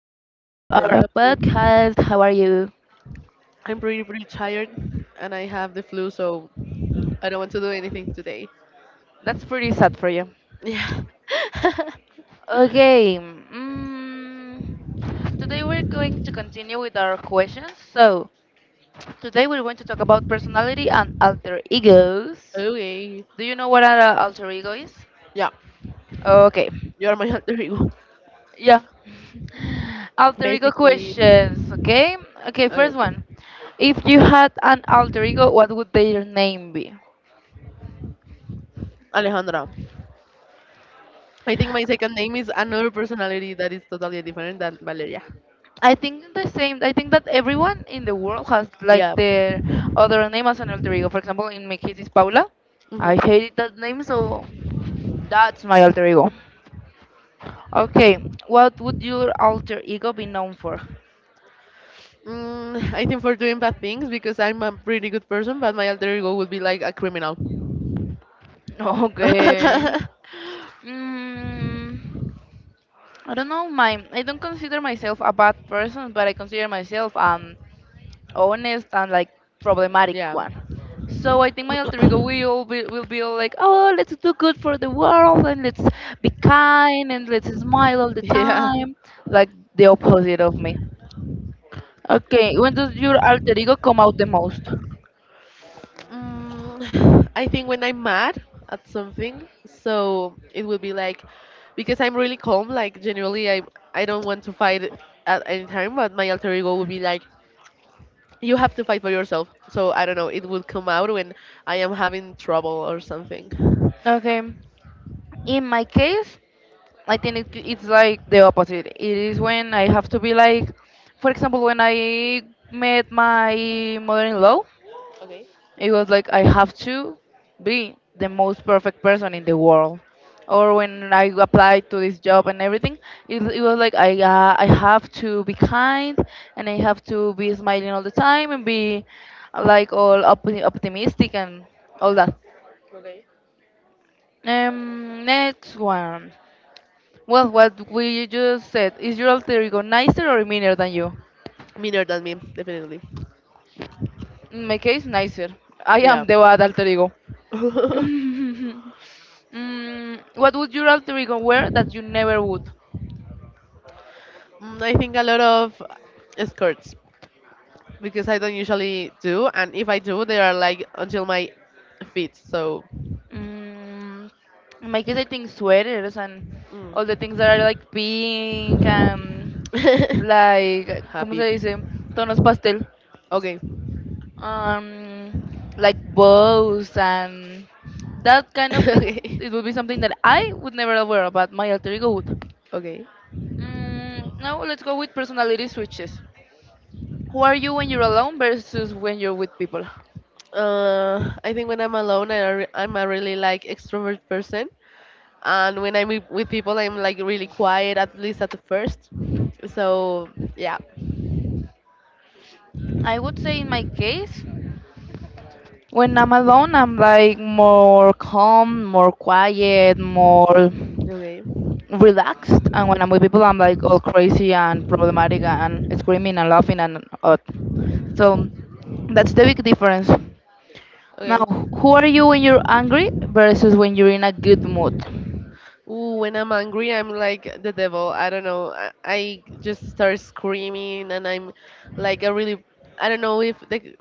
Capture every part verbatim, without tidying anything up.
podcast. How are you? I'm pretty, pretty tired and I have the flu, so I don't want to do anything today. That's pretty sad for you. Yeah. Okay, mm, today we're going to continue with our questions. So, today we're going to talk about personality and alter egos. Okay. Do you know what an uh, alter ego is? Yeah. Okay, You are my alter ego. yeah. Alter ego Basically. questions, okay? Okay, Okay. first one. If you had an alter ego, what would their name be? Alejandra. I think my second name is another personality that is totally different than Valeria. I think the same. I think that everyone in the world has like Yeah. their other name as an alter ego. For example, in my case, it's Paula. I Hmm. hated that name, so that's my alter ego. Okay, what would your alter ego be known for? Mm, I think for doing bad things because I'm a pretty good person, but my alter ego would be like a criminal. Okay. Mm, I don't know. My I don't consider myself a bad person, but I consider myself an honest and like problematic Yeah. one. So I think my alter ego will be will be all like, oh, let's do good for the world and let's be kind and let's smile all the Yeah. time, like the opposite of me. Okay, when does your alter ego come out the most? Mm, I think when I'm mad at something, so it would be like because I'm really calm, like generally I I don't want to fight at any time, but my alter ego would be like you have to fight for yourself. So I don't know, it would come out when I am having trouble or something. Okay, in my case, I think it, it's like the opposite. It is when I have to be like, for example, when I met my mother-in-law. Okay, It was like I have to be the most perfect person in the world. Or when I applied to this job and everything, it, it was like I uh, I have to be kind and I have to be smiling all the time and be uh, like all op- optimistic and all that. okay. Um, next one. Well, what we just said is your alter ego nicer or meaner than you? Meaner than me, definitely. In my case, nicer. Ah, I am yeah. the bad alter ego. mm, what would your alter ego wear that you never would? Mm, I think a lot of skirts, because I don't usually do, and if I do, they are like until my feet. So Mm, in my case, I think sweaters and all the things that mm. are like pink and like, ¿cómo se Happy. dice? Tonos pastel. Okay. Um, like bows and that kind of things. Okay. It would be something that I would never wear, but my alter ego would. Okay. Mm, now let's go with personality switches. Who are you when you're alone versus when you're with people? Uh, I think when I'm alone, I re- I'm a really like extrovert person. And when I'm with, with people, I'm like really quiet, at least at the first. So yeah, I would say in my case, when I'm alone, I'm like more calm, more quiet, more okay, relaxed. And when I'm with people, I'm like all crazy and problematic and screaming and laughing and odd. So that's the big difference. okay. Now, who are you when you're angry versus when you're in a good mood? Ooh, when I'm angry, I'm like the devil. I don't know. I, I just start screaming, and I'm like a really. I don't know if the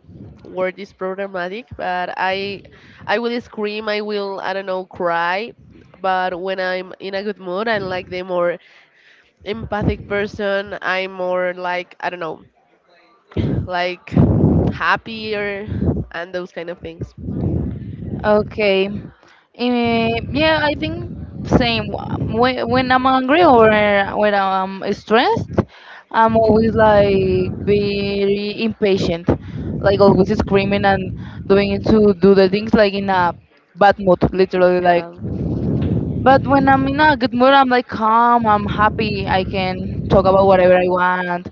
word is problematic, but I, I will scream. I will. I don't know. Cry. But when I'm in a good mood, I like the more empathic person. I'm more like I don't know, like happier and those kind of things. Okay. Eh, yeah, I think same. When, when I'm angry or when I'm stressed, I'm always like very impatient, like always screaming and doing to do the things like in a bad mood, literally, like Yeah, but when I'm in a good mood, I'm like calm, I'm happy, I can talk about whatever I want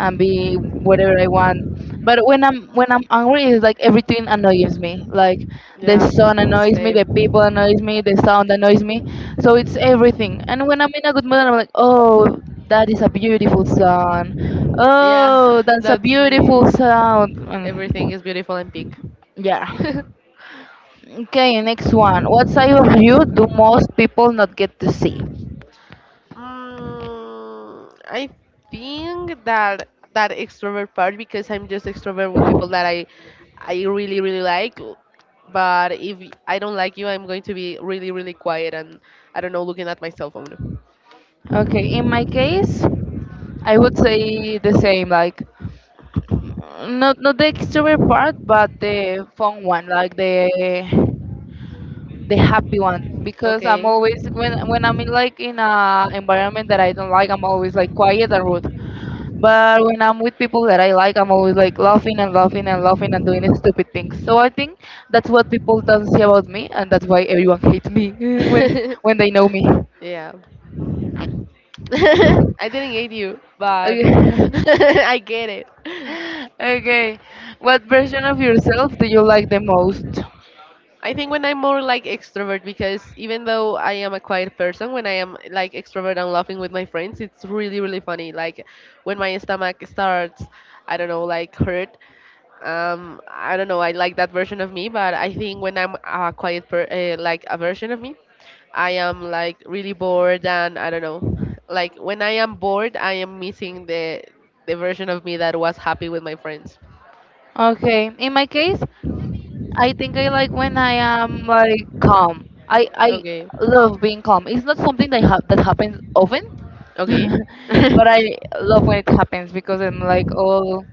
and be whatever I want. But when I'm when I'm angry, it's like everything annoys me. Like the yeah, sun annoys me, the same. people annoys me, the sound annoys me. So it's everything. And when I'm in a good mood, I'm like, oh, that is a beautiful sound. Yeah, Oh, that's a that's beautiful me. sound. Everything Mm, is beautiful and pink. yeah. Okay, next one. What side of you do most people not get to see? Mm, I think that that extrovert part because I'm just extrovert with people that I I really really like. But if I I don't like you, I'm going to be really, really quiet and I don't know, looking at my cell phone. Okay, in my case, I would say the same, like not not the extrovert part, but the fun one, like the the happy one, because I'm Okay. always when when I'm in like in a environment that I don't like, I'm always like quiet and rude. But when I'm with people that I like, I'm always like laughing and laughing and laughing and doing stupid things. So I think that's what people don't see about me, and that's why everyone hates me when when they know me. Yeah. I didn't hate you, but I get it. Okay, what version of yourself do you like the most? I think when I'm more like extrovert because even though I am a quiet person, when I am like extrovert and laughing with my friends, it's really really funny. Like when my stomach starts, I don't know, like hurt. Um, I don't know. I like that version of me, but I think when I'm a quiet per, uh, like a version of me, I am like really bored and I don't know. Like when I am bored, I am missing the the version of me that was happy with my friends. Okay, in my case, I think I like when I am like calm. I I Okay, love being calm. It's not something that ha- that happens often, okay. but I love when it happens because I'm like all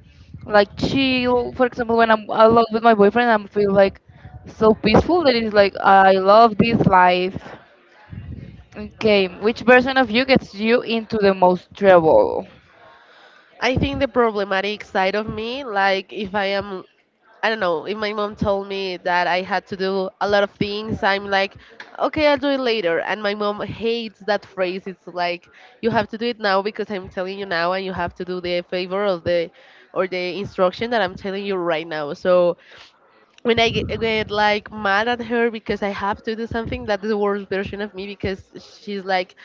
like chill. For example, when I'm alone with my boyfriend, I am feel like so peaceful that it's like I love this life. Okay, which version of you gets you into the most trouble? I think the problematic side of me, like if I am, I don't know, if my mom told me that I had to do a lot of things, I'm like, okay, I'll do it later. And my mom hates that phrase. It's like, you have to do it now because I'm telling you now, and you have to do the favor or the or the instruction that I'm telling you right now. So when I get, get like mad at her because I have to do something, that's the worst version of me because she's like,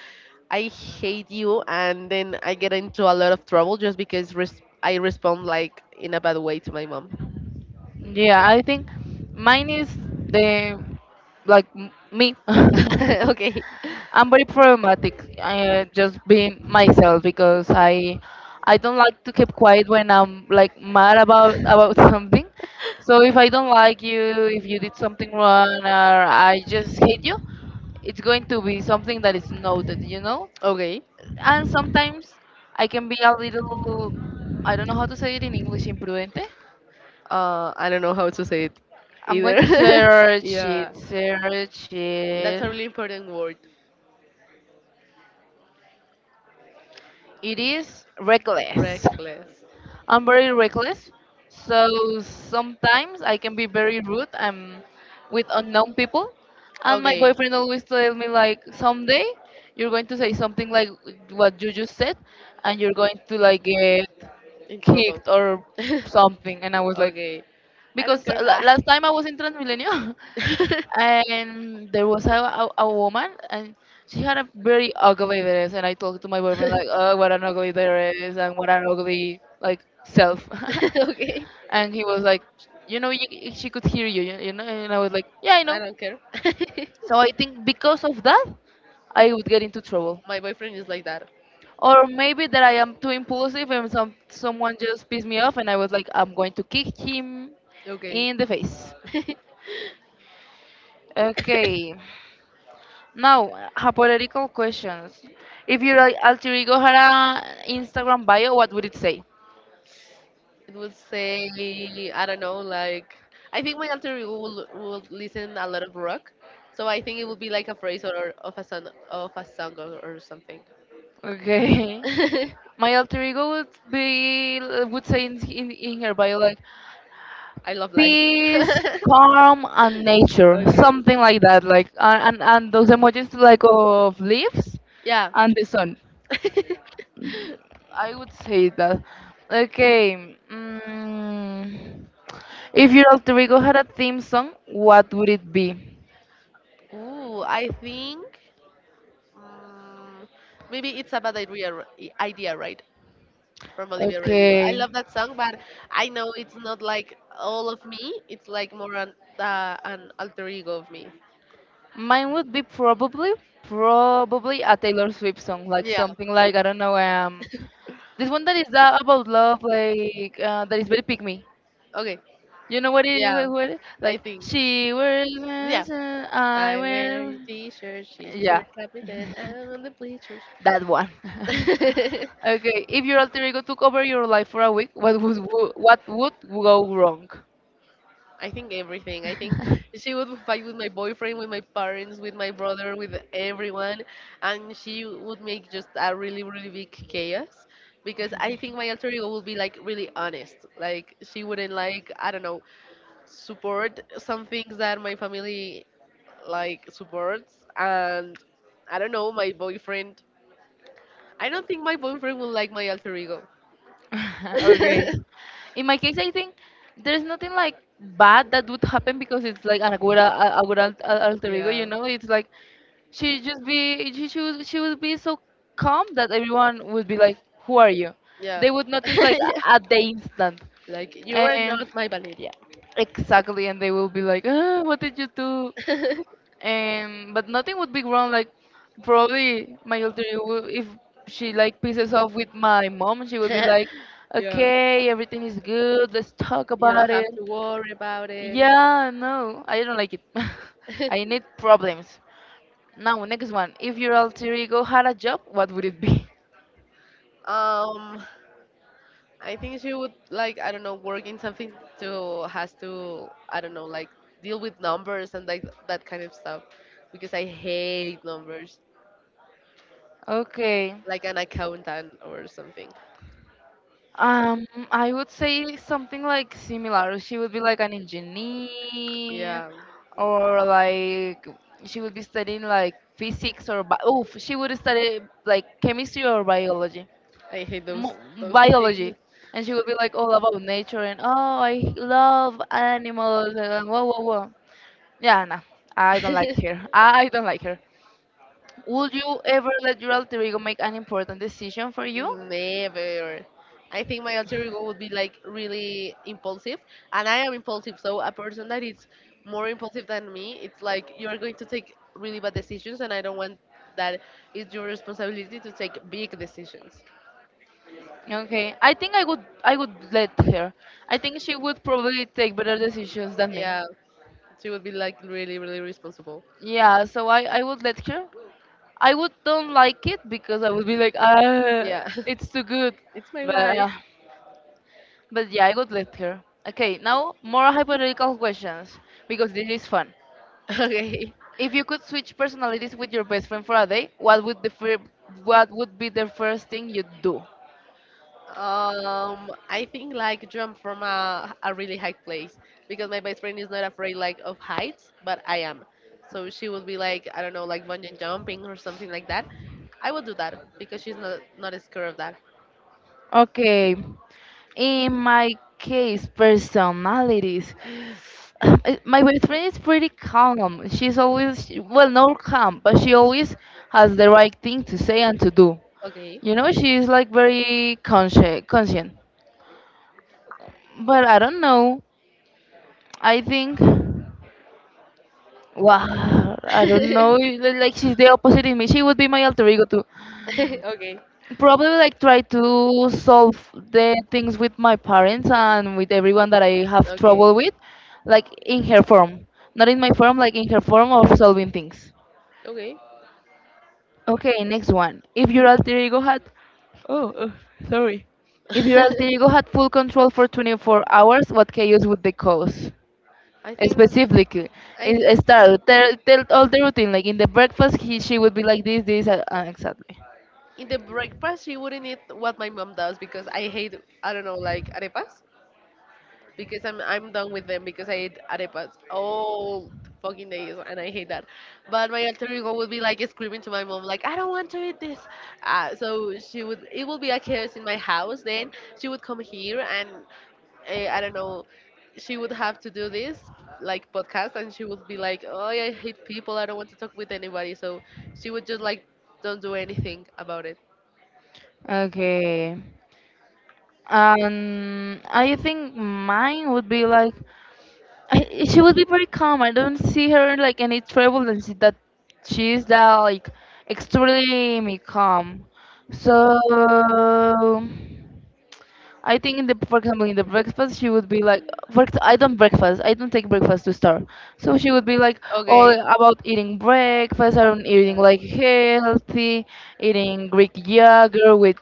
I hate you, and then I get into a lot of trouble just because res- I respond like in a bad way to my mom. Yeah, I think mine is the like m- me. Okay, I'm very problematic. I just being myself because I I don't like to keep quiet when I'm like mad about about something. So if I don't like you, if you did something wrong, or I just hate you, it's going to be something that is noted, you know. okay. And sometimes I can be a little, I don't know how to say it in English, imprudente. Uh, I don't know how to say it I'm going either. to search Yeah, it, search that's it. a really important word. It is reckless. Reckless. I'm very reckless, so sometimes I can be very rude um, with unknown people. And my Okay. boyfriend always tell me like, someday you're going to say something like what you just said, and you're going to like get In trouble. kicked or something. And I was like, Okay. I don't because care. la- Ah. last time I was in Transmilenio and there was a, a, a woman and she had a very ugly dress and I talked to my boyfriend like, oh, what an ugly dress and what an ugly like self. Okay. And he was like, you know, you, she could hear you, you you know, and I was like, yeah, I I know. don't care. So I think because of that, I would get into trouble. My boyfriend is like that. Or maybe that I am too impulsive and some someone just pissed me off and I was like, I'm going to kick him Okay. in the face. Okay. Now, uh, hypothetical questions. If you're like alter ego had a Instagram bio, what would it say? It would say, I don't know, like, I think my alter ego will, will listen a lot of rock. So I think it would be like a phrase or of a song, of a song or, or something. Okay. I My alter ego would be would say in, in, in her bio like love life. peace, Okay. calm, and nature, something like that. Like and and, and those emojis like of leaves Yeah. and the sun. I would say that. Okay. Mm. If your alter ego had a theme song, what would it be? Ooh, I think mm, maybe it's a bad idea, r- i- idea, right? From Olivia Rodrigo. I Okay. love that song, but I know it's not like all of me. It's like more an, uh, an alter ego of me. Mine would be probably, probably a Taylor Swift song, like Yeah. something like I don't know, um, this one that is uh, about love, like uh, that is very pick me. Okay. You know what it, Yeah. what, what it- I like think. she wears, Yeah. this and I I wear wear, a t-shirt, she's your yeah, captain, I'm on the bleachers. that one. Okay, if your alter ego took over your life for a week, what would wo- what would go wrong? I think everything. I think she would fight with my boyfriend, with my parents, with my brother, with everyone, and she would make just a really, really big chaos. Because I think my alter ego would be like really honest. Like she wouldn't like I don't know support some things that my family like supports, and I don't know, my boyfriend I don't think my boyfriend will like my alter ego. Okay. In my case, I think there's nothing like bad that would happen because it's like an agora, a- agora alt- al- alter ego. You Yeah, know, it's like she just be she she would, she would be so calm that everyone would be like, "Who are you?" yeah. They would notice like Yeah. a- at the instant, Like you are and not my Valeria. exactly, and they will be like, "Ah, what did you do?" And but nothing would be wrong, like probably my alter ego will- if she like pisses off with my mom she would be like, Yeah. okay, everything is good, let's talk You don't about have it. to worry about it. Yeah, no, I don't like it. I need problems. Now, next one, if your alter ego had a job, what would it be? um, I think she would like I don't know work in something to has to I don't know like deal with numbers and like that kind of stuff because I hate numbers Okay. like an accountant or something. Um, I would say something like similar. She would be like an engineer, Yeah, or like she would be studying like physics or bi- oh, she would study like chemistry or biology, I hate those Mo those things. biology, and she would be like all about nature and oh, I love animals and whoa, whoa, whoa. Yeah, no, I don't like her. I don't like her. Would you ever let your alter ego make an important decision for you? Never. I think my alter ego would be like really impulsive, and I am impulsive. So a person that is more impulsive than me, it's like you are going to take really bad decisions, and I don't want that. It's your responsibility to take big decisions. Okay, I think I would I would let her. I think she would probably take better decisions than me. Yeah, she would be like really, really responsible. Yeah, so I I would let her. I would don't like it because I would be like, ah, Yeah, it's too good. it's my But life. uh, but yeah, I would let her. Okay, now more hypothetical questions because this is fun. Okay. If you could switch personalities with your best friend for a day, what would the fir- what would be the first thing you'd do? Um, I think like jump from a, a really high place because my best friend is not afraid like of heights, but I am. So she would be like, I don't know, like bungee jumping or something like that. I would do that because she's not not scared of that. Okay. In my case, personalities. I- My best friend is pretty calm. She's always, she- well, not calm, but she always has the right thing to say and to do. Okay. You know, she's like very consci conscient. But I don't know. I think, wow, I don't know. li- Like she's the opposite in me. She would be my alter ego too. Okay. Probably like try to solve the things with my parents and with everyone that I have trouble Okay. with, like in her form, not in my form, like in her form of solving things. Okay. Okay, next one. If your alter ego had, oh, uh, sorry. If your alter ego had full control for twenty-four hours, what chaos would they cause? I think Specifically, I in- uh, think start tell, tell all the routine. Like in the breakfast, he she would be like this, this, uh, uh, exactly. in the breakfast she wouldn't eat what my mom does because I hate I don't know like arepas, because I'm I'm done with them because I eat arepas all fucking days and I hate that. But my alter ego would be like screaming to my mom like I don't want to eat this. Uh, so she would it would be a chaos in my house. Then she would come here and uh, I don't know she would have to do this like podcast and she would be like oh I hate people I don't want to talk with anybody. So she would just like don't do anything about it. Okay. And I think mine would be like I, she would be very calm. I don't see her like any trouble, and she, that she's that like extremely calm. So. I think in the for example in the breakfast she would be like for ex- I don't breakfast, I don't take breakfast to start, so she would be like all Okay. about eating breakfast, I don't eating Yeah. like healthy, eating Greek yogurt with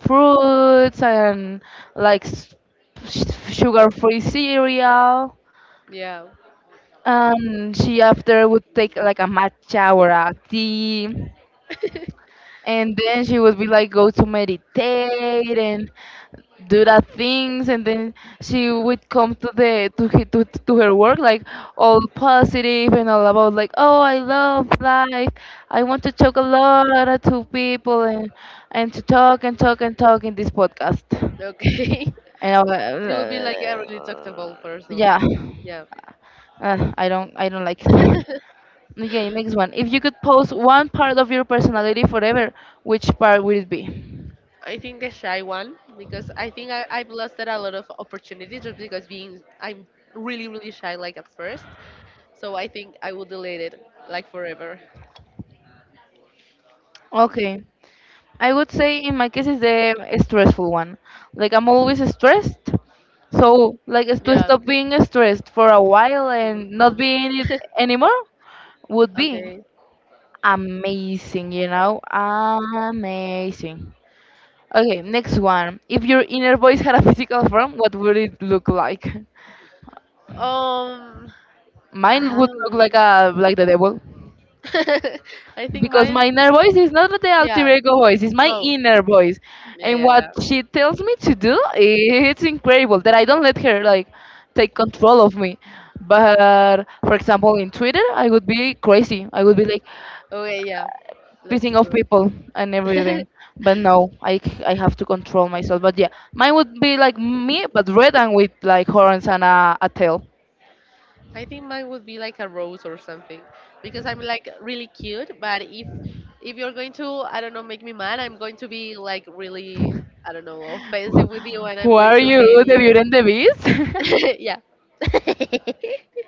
fruits and like s- sugar free cereal, Yeah. and she after would take like a matcha or a tea, and then she would be like, go to meditate and do that things. And then she would come to the to he- to, to her work, like all positive and all about like, oh, I love life. I want to talk a lot to people, and and to talk and talk and talk in this podcast. Okay. And I, She would be like a wa- really uh, talkable person. yeah, Yeah. uh, I don't I don't like it. Okay, next one. If you could post one part of your personality forever, which part would it be? I think the shy one because I think I, I've lost a lot of opportunities just because being I'm really really shy like at first. So I think I will delete it like forever. Okay. I would say in my case is the stressful one. Like I'm always stressed. So like is to Yeah. stop being stressed for a while Remote and not home. being it anymore would be Okay. amazing, you know? Amazing. Okay, next one. If your inner voice had a physical form, what would it look like? Um. Mine Ah, would look like a like the devil, I think because mine. my inner voice is not the alter Yeah. ego voice, it's my No. inner voice, Yeah, and yeah, what yeah. she tells me to do, it's incredible that I don't let her like take control of me. But for example, in Twitter I would be crazy. I would be like Okay, yeah. That's pissing off true. people and everything. But no, i, c- I have to control myself. But yeah, mine would be like me but red and with like horns and a, a tail. I think mine would be like a rose or something because I'm like really cute. But if if you're going to, I don't know, make me mad, I'm going to be like really, I don't know, offensive with you, and I'm Who going are to you, hate the you. Beauty and the Beast? Yeah.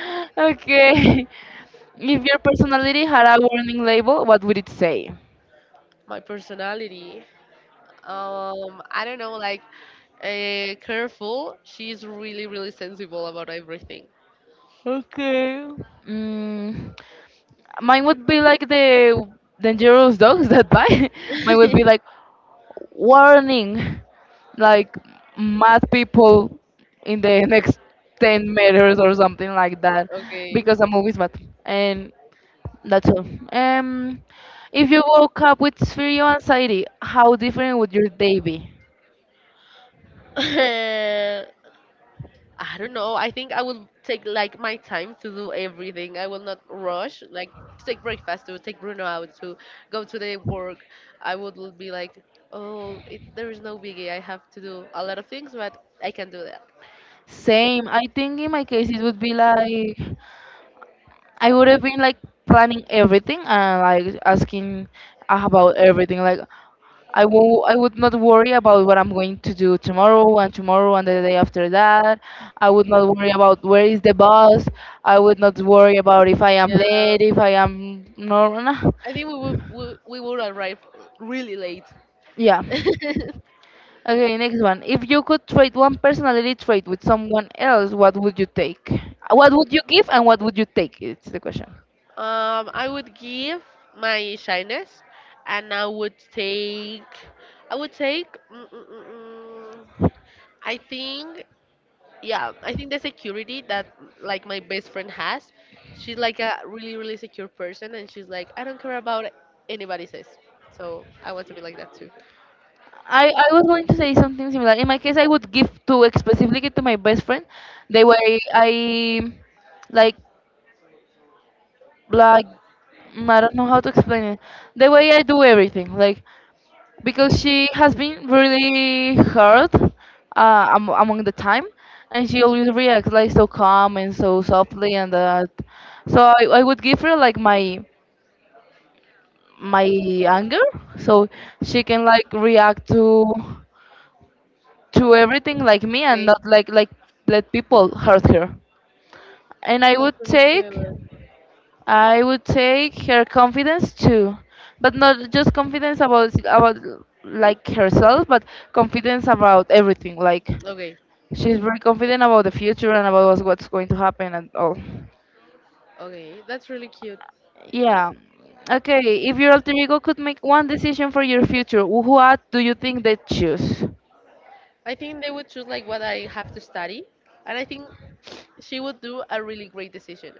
Okay. If your personality had a warning label, what would it say? My personality. Um, I don't know, like uh, careful. She's really, really sensible about everything. Okay. Mm, mine would be like the dangerous dogs that bite. Mine would be like warning, like mad people in the next ten meters or something like that, Okay. because a movie's mad. And that's all. Um, if you woke up with fear and anxiety, how different would your day be? Uh, I don't know. I think I will take like my time to do everything. I will not rush. Like to take breakfast, to take Bruno out, to go to the work. I would l- be like, oh, it, there is no biggie. I have to do a lot of things, but I can do that. Same. I think in my case it would be like I would have been like planning everything and like asking about everything. Like I will I would not worry about what I'm going to do tomorrow and tomorrow and the day after that. I would not worry about where is the bus. I would not worry about if I am Yeah. late, if I am no, no. I think we would we, we would arrive really late. Yeah. Okay, next one. If you could trade one personality trait with someone else, what would you take? What would you give and what would you take? It's the question. um, I would give my shyness, and I would take. I would take. Mm, mm, mm, mm, I think. Yeah, I think the security that like my best friend has. She's like a really really secure person, and she's like, I don't care about anybody says. So I want to be. I, I was going to say something similar. In my case, I would give to specifically to my best friend. The way I like like mm, I don't know how to explain it. The way I do everything, like because she has been really hurt uh, am- among the time, and she always reacts like so calm and so softly and that. So I, I would give her like my my anger, so she can like react to. To everything like me and not like like let people hurt her. And I would take, I would take her confidence too, but not just confidence about about like herself but confidence about everything. Like she's very confident about the future and about what's what's going to happen and all. Yeah. Okay, if your alter ego could make one decision for your future, wh- what do you think they choose? I think they would choose like what I have to study, and I think she would do a really great decision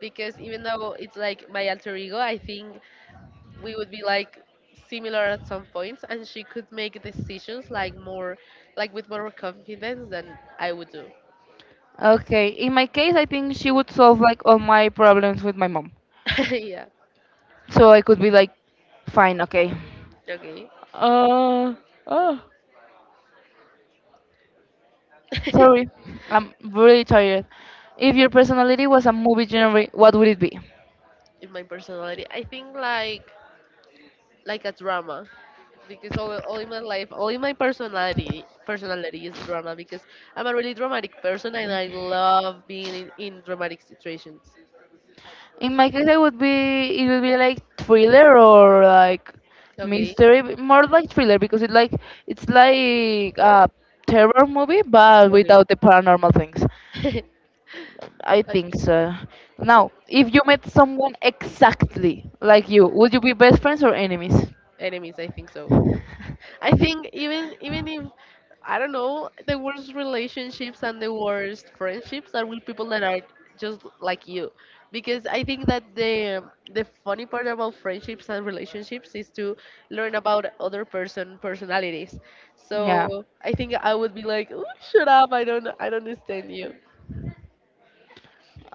because even though it's like my alter ego, I think we would be like similar at some points, and she could make decisions like more, like with more confidence than I would do. Okay, in my case I think she would solve like all my problems with my mom. Yeah. So I could be like, fine, okay. Okay. Uh, oh, sorry, I'm really tired. If your personality was a movie genre, what would it be? In my personality, I think like like a drama, because all, all in my life, all in my personality, personality is drama because I'm a really dramatic person and I love being in, in dramatic situations. In my case, I would be it would be like thriller or like Okay, mystery, but more like thriller because it like it's like a terror movie but okay. without the paranormal things. I Like, think so. Now, if you met someone exactly like you, would you be best friends or enemies? enemies. I think so. I think even even if I don't know the worst relationships and the worst friendships are with people that are just like you, because I think that the the funny part about friendships and relationships is to learn about other person personalities. Yeah. So I think I would be like, "Ooh, shut up! I don't I don't understand you.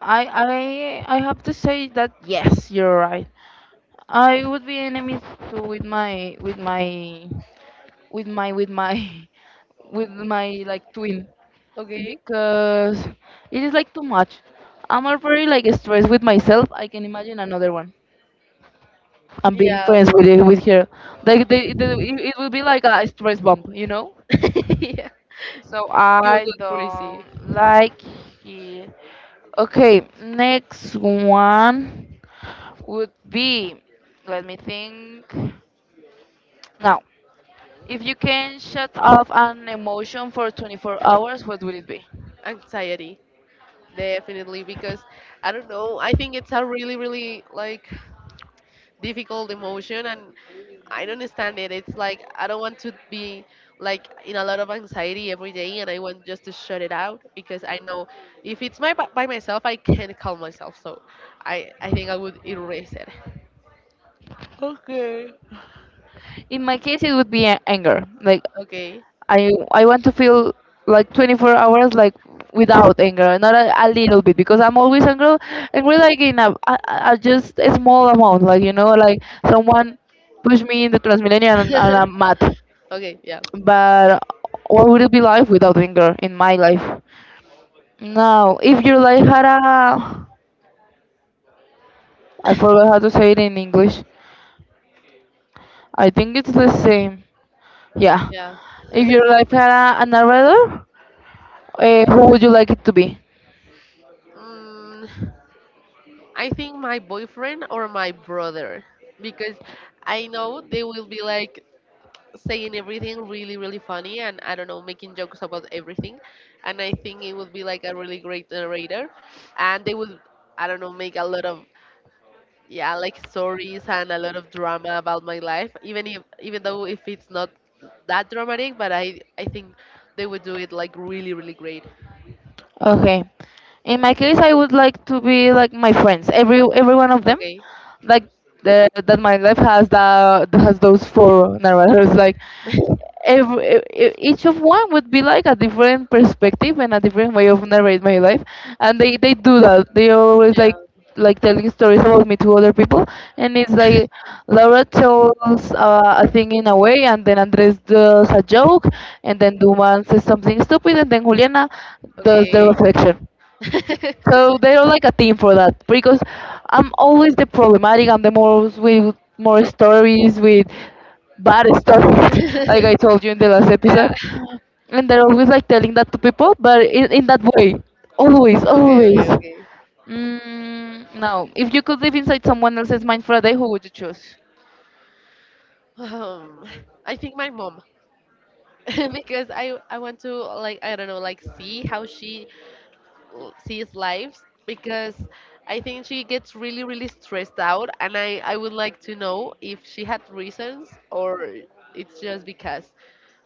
I I I have to say that yes, you're right. I would be enemies to with my with my with my with my with my like twin, Okay. because it is like too much. I'm already like stressed with myself. I can imagine another one. I'm being Yeah, friends with it, with her. Like the, the, it it will be like a stress bump, you know. yeah. So You I go crazy. don't like it. Okay, next one would be, let me think. Now, if you can shut off an emotion for twenty-four hours, what would it be? Anxiety, definitely, because I don't know. I think it's a really, really like difficult emotion, and I don't understand it. It's like I don't want to be like in a lot of anxiety every day, and I want just to shut it out because I know if it's my by by myself, I can't calm myself. So I I think I would erase it. In my case, it would be a- anger. Like Okay. I, I want to feel like twenty-four hours like without anger, not a, a little bit, because I'm always angry, angry like in a, a, a just a small amount, like you know, like someone pushed me in the Transmilenio, and, and I'm mad. Okay. Yeah. But what would it be like without anger in my life? Now, if your life had a, I forgot how to say it in English. I think it's the same. Yeah. Yeah. If your life had a, a narrator, uh, who would you like it to be? mm, I think my boyfriend or my brother, because I know they will be like saying everything really, really funny and I don't know, making jokes about everything. And I think it would be like a really great narrator. And they would, I don't know, make a lot of, yeah, like stories and a lot of drama about my life, even if, even though if it's not that dramatic, but I, I think they would do it like really, really great. Okay. In my case, I would like to be like my friends, every every one of them, Okay. like the, that my life has the has those four narrators. Like every each of one would be like a different perspective and a different way of narrate my life, and they they do that. They always Yeah. like like telling stories about me to other people, and it's like Laura tells uh, a thing in a way, and then Andres does a joke, and then Duman says something stupid, and then Juliana does the Okay. reflection. So they're like a team for that, because I'm always the problematic. I'm the most with more stories, with bad stories, like I told you in the last episode. Yeah. And they're always like telling that to people, but in, in that way, always, Okay, always. okay, okay. Mm, now, if you could live inside someone else's mind for a day, who would you choose? Um, I think my mom, because I I want to like I don't know like see how she l- sees lives because I think she gets really really stressed out and I I would like to know if she had reasons or it's just because.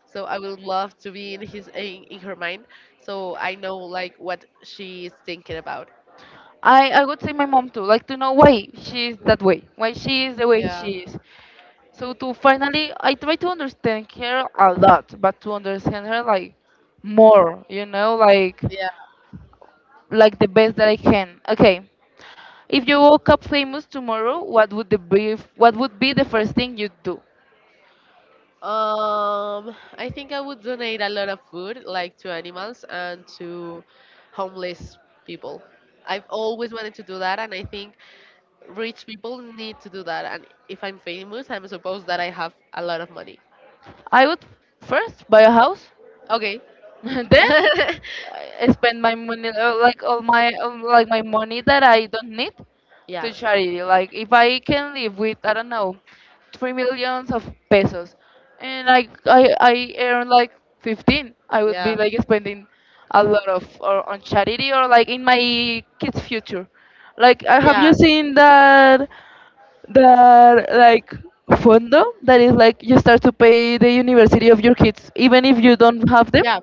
So I would love to be in his in, in her mind so I know like what she is thinking about. I, I would say my mom too, like to know why she is that way, why she is the way Yeah. she is. So to finally, I try to understand her a lot, but to understand her like more, you know, like Yeah. like the best that I can. Okay, if you woke up famous tomorrow, what would the be? What would be the first thing you'd do? Um, I think I would donate a lot of food, like to animals and to homeless people. I've always wanted to do that, and I think rich people need to do that. And if I'm famous, I'm supposed that I have a lot of money. I would first buy a house Okay. then I spend my money uh, like all my um, like my money that I don't need Yeah. to charity. Like if I can live with I don't know three millions of pesos, and I I I earn like fifteen, I would Yeah. be like spending a lot of or on charity or like in my kids' future. Like I have you Yeah. seen that that like fondo, that is like you start to pay the university of your kids even if you don't have them, Yeah.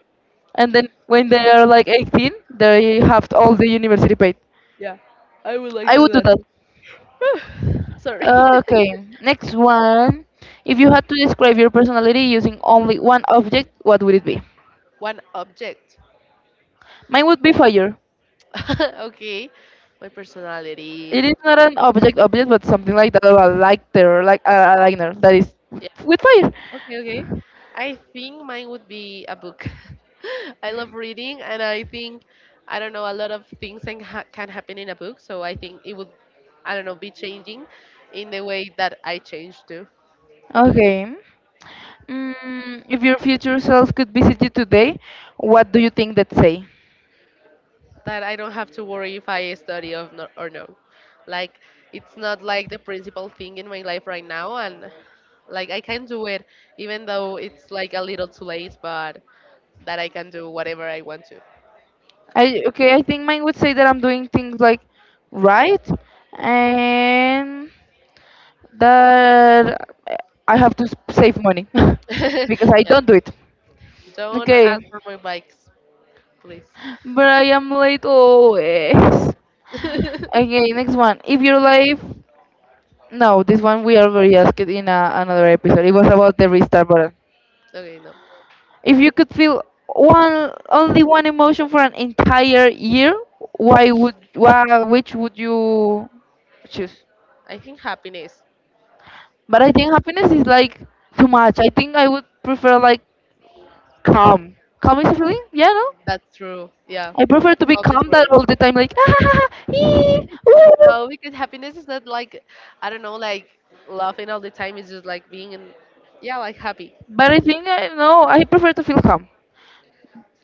and then when they are like eighteen they have all the university paid. Yeah. I would like to I do would do that that. too. Sorry. Okay, next one. If you had to describe your personality using only one object, what would it be? One object. Mine would be fire. Okay, my personality. It is not an object object, but something like that, or a lighter, like a liner that is Yeah. with fire. Okay, okay. I think mine would be a book. I love reading, and I think I don't know a lot of things can, ha- can happen in a book. So I think it would, I don't know, be changing in the way that I change too. Okay. Mm, if your future self could visit you today, what do you think that say? That I don't have to worry if I study of no- or no. Like it's not like the principal thing in my life right now, and like I can do it even though it's like a little too late, but that I can do whatever I want to. I okay, I think mine would say that I'm doing things like right, and that I have to s- save money because I Yeah. don't do it. Don't Okay, ask for my bikes, please. but I am late always. Okay, Okay, next one. If your life, no, this one we already asked it in a, another episode. It was about the restart button. no. If you could feel one only one emotion for an entire year, why would why which would you choose? I think happiness. But I think happiness is like too much. I think I would prefer like calm. Calm is a feeling, yeah, no? That's true. Yeah. I prefer to be Hope is calm that great. all the time, like ah, ee, ooh. No, because happiness is not like I don't know, like laughing all the time. It's just like being in, yeah, like happy. But I think I no, I prefer to feel calm.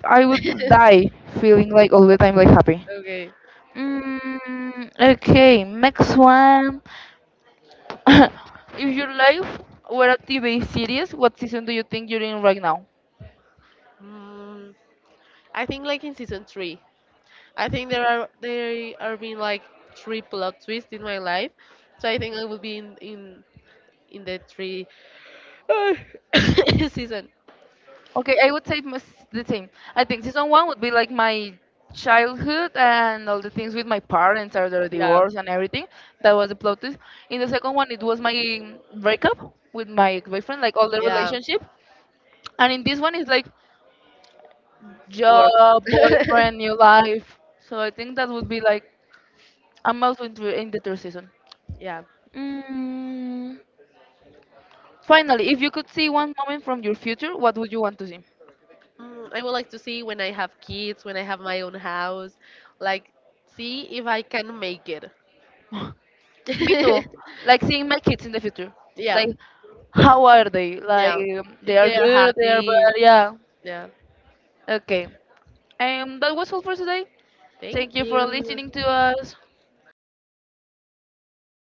I would die feeling like all the time like happy. Okay. Mm, okay, next one. If your life were a T V series, what season do you think you're in right now? Mm, I think like in season three, I think there are there are being like three plot twists in my life, so I think I will be in in in the three Uh, season. Okay, I would say must the same. I think season one would be like my childhood and all the things with my parents or their Yeah, divorce and everything. That was the plot twist. In the second one, it was my breakup with my boyfriend, like all the yeah, relationship. And in this one, it's like work. job, boyfriend, new life. So I think that would be like I'm also in, the- in the third season. Yeah, Mm, finally, if you could see one moment from your future, what would you want to see? mm, I would like to see when I have kids, when I have my own house, like see if I can make it. Me too. Like seeing my kids in the future. Yeah, Like, how are they? Like, yeah. um, they If are they are good, they are happy, bad, yeah. yeah. Okay. And that was all for today. Thank Thank you for you. listening to us.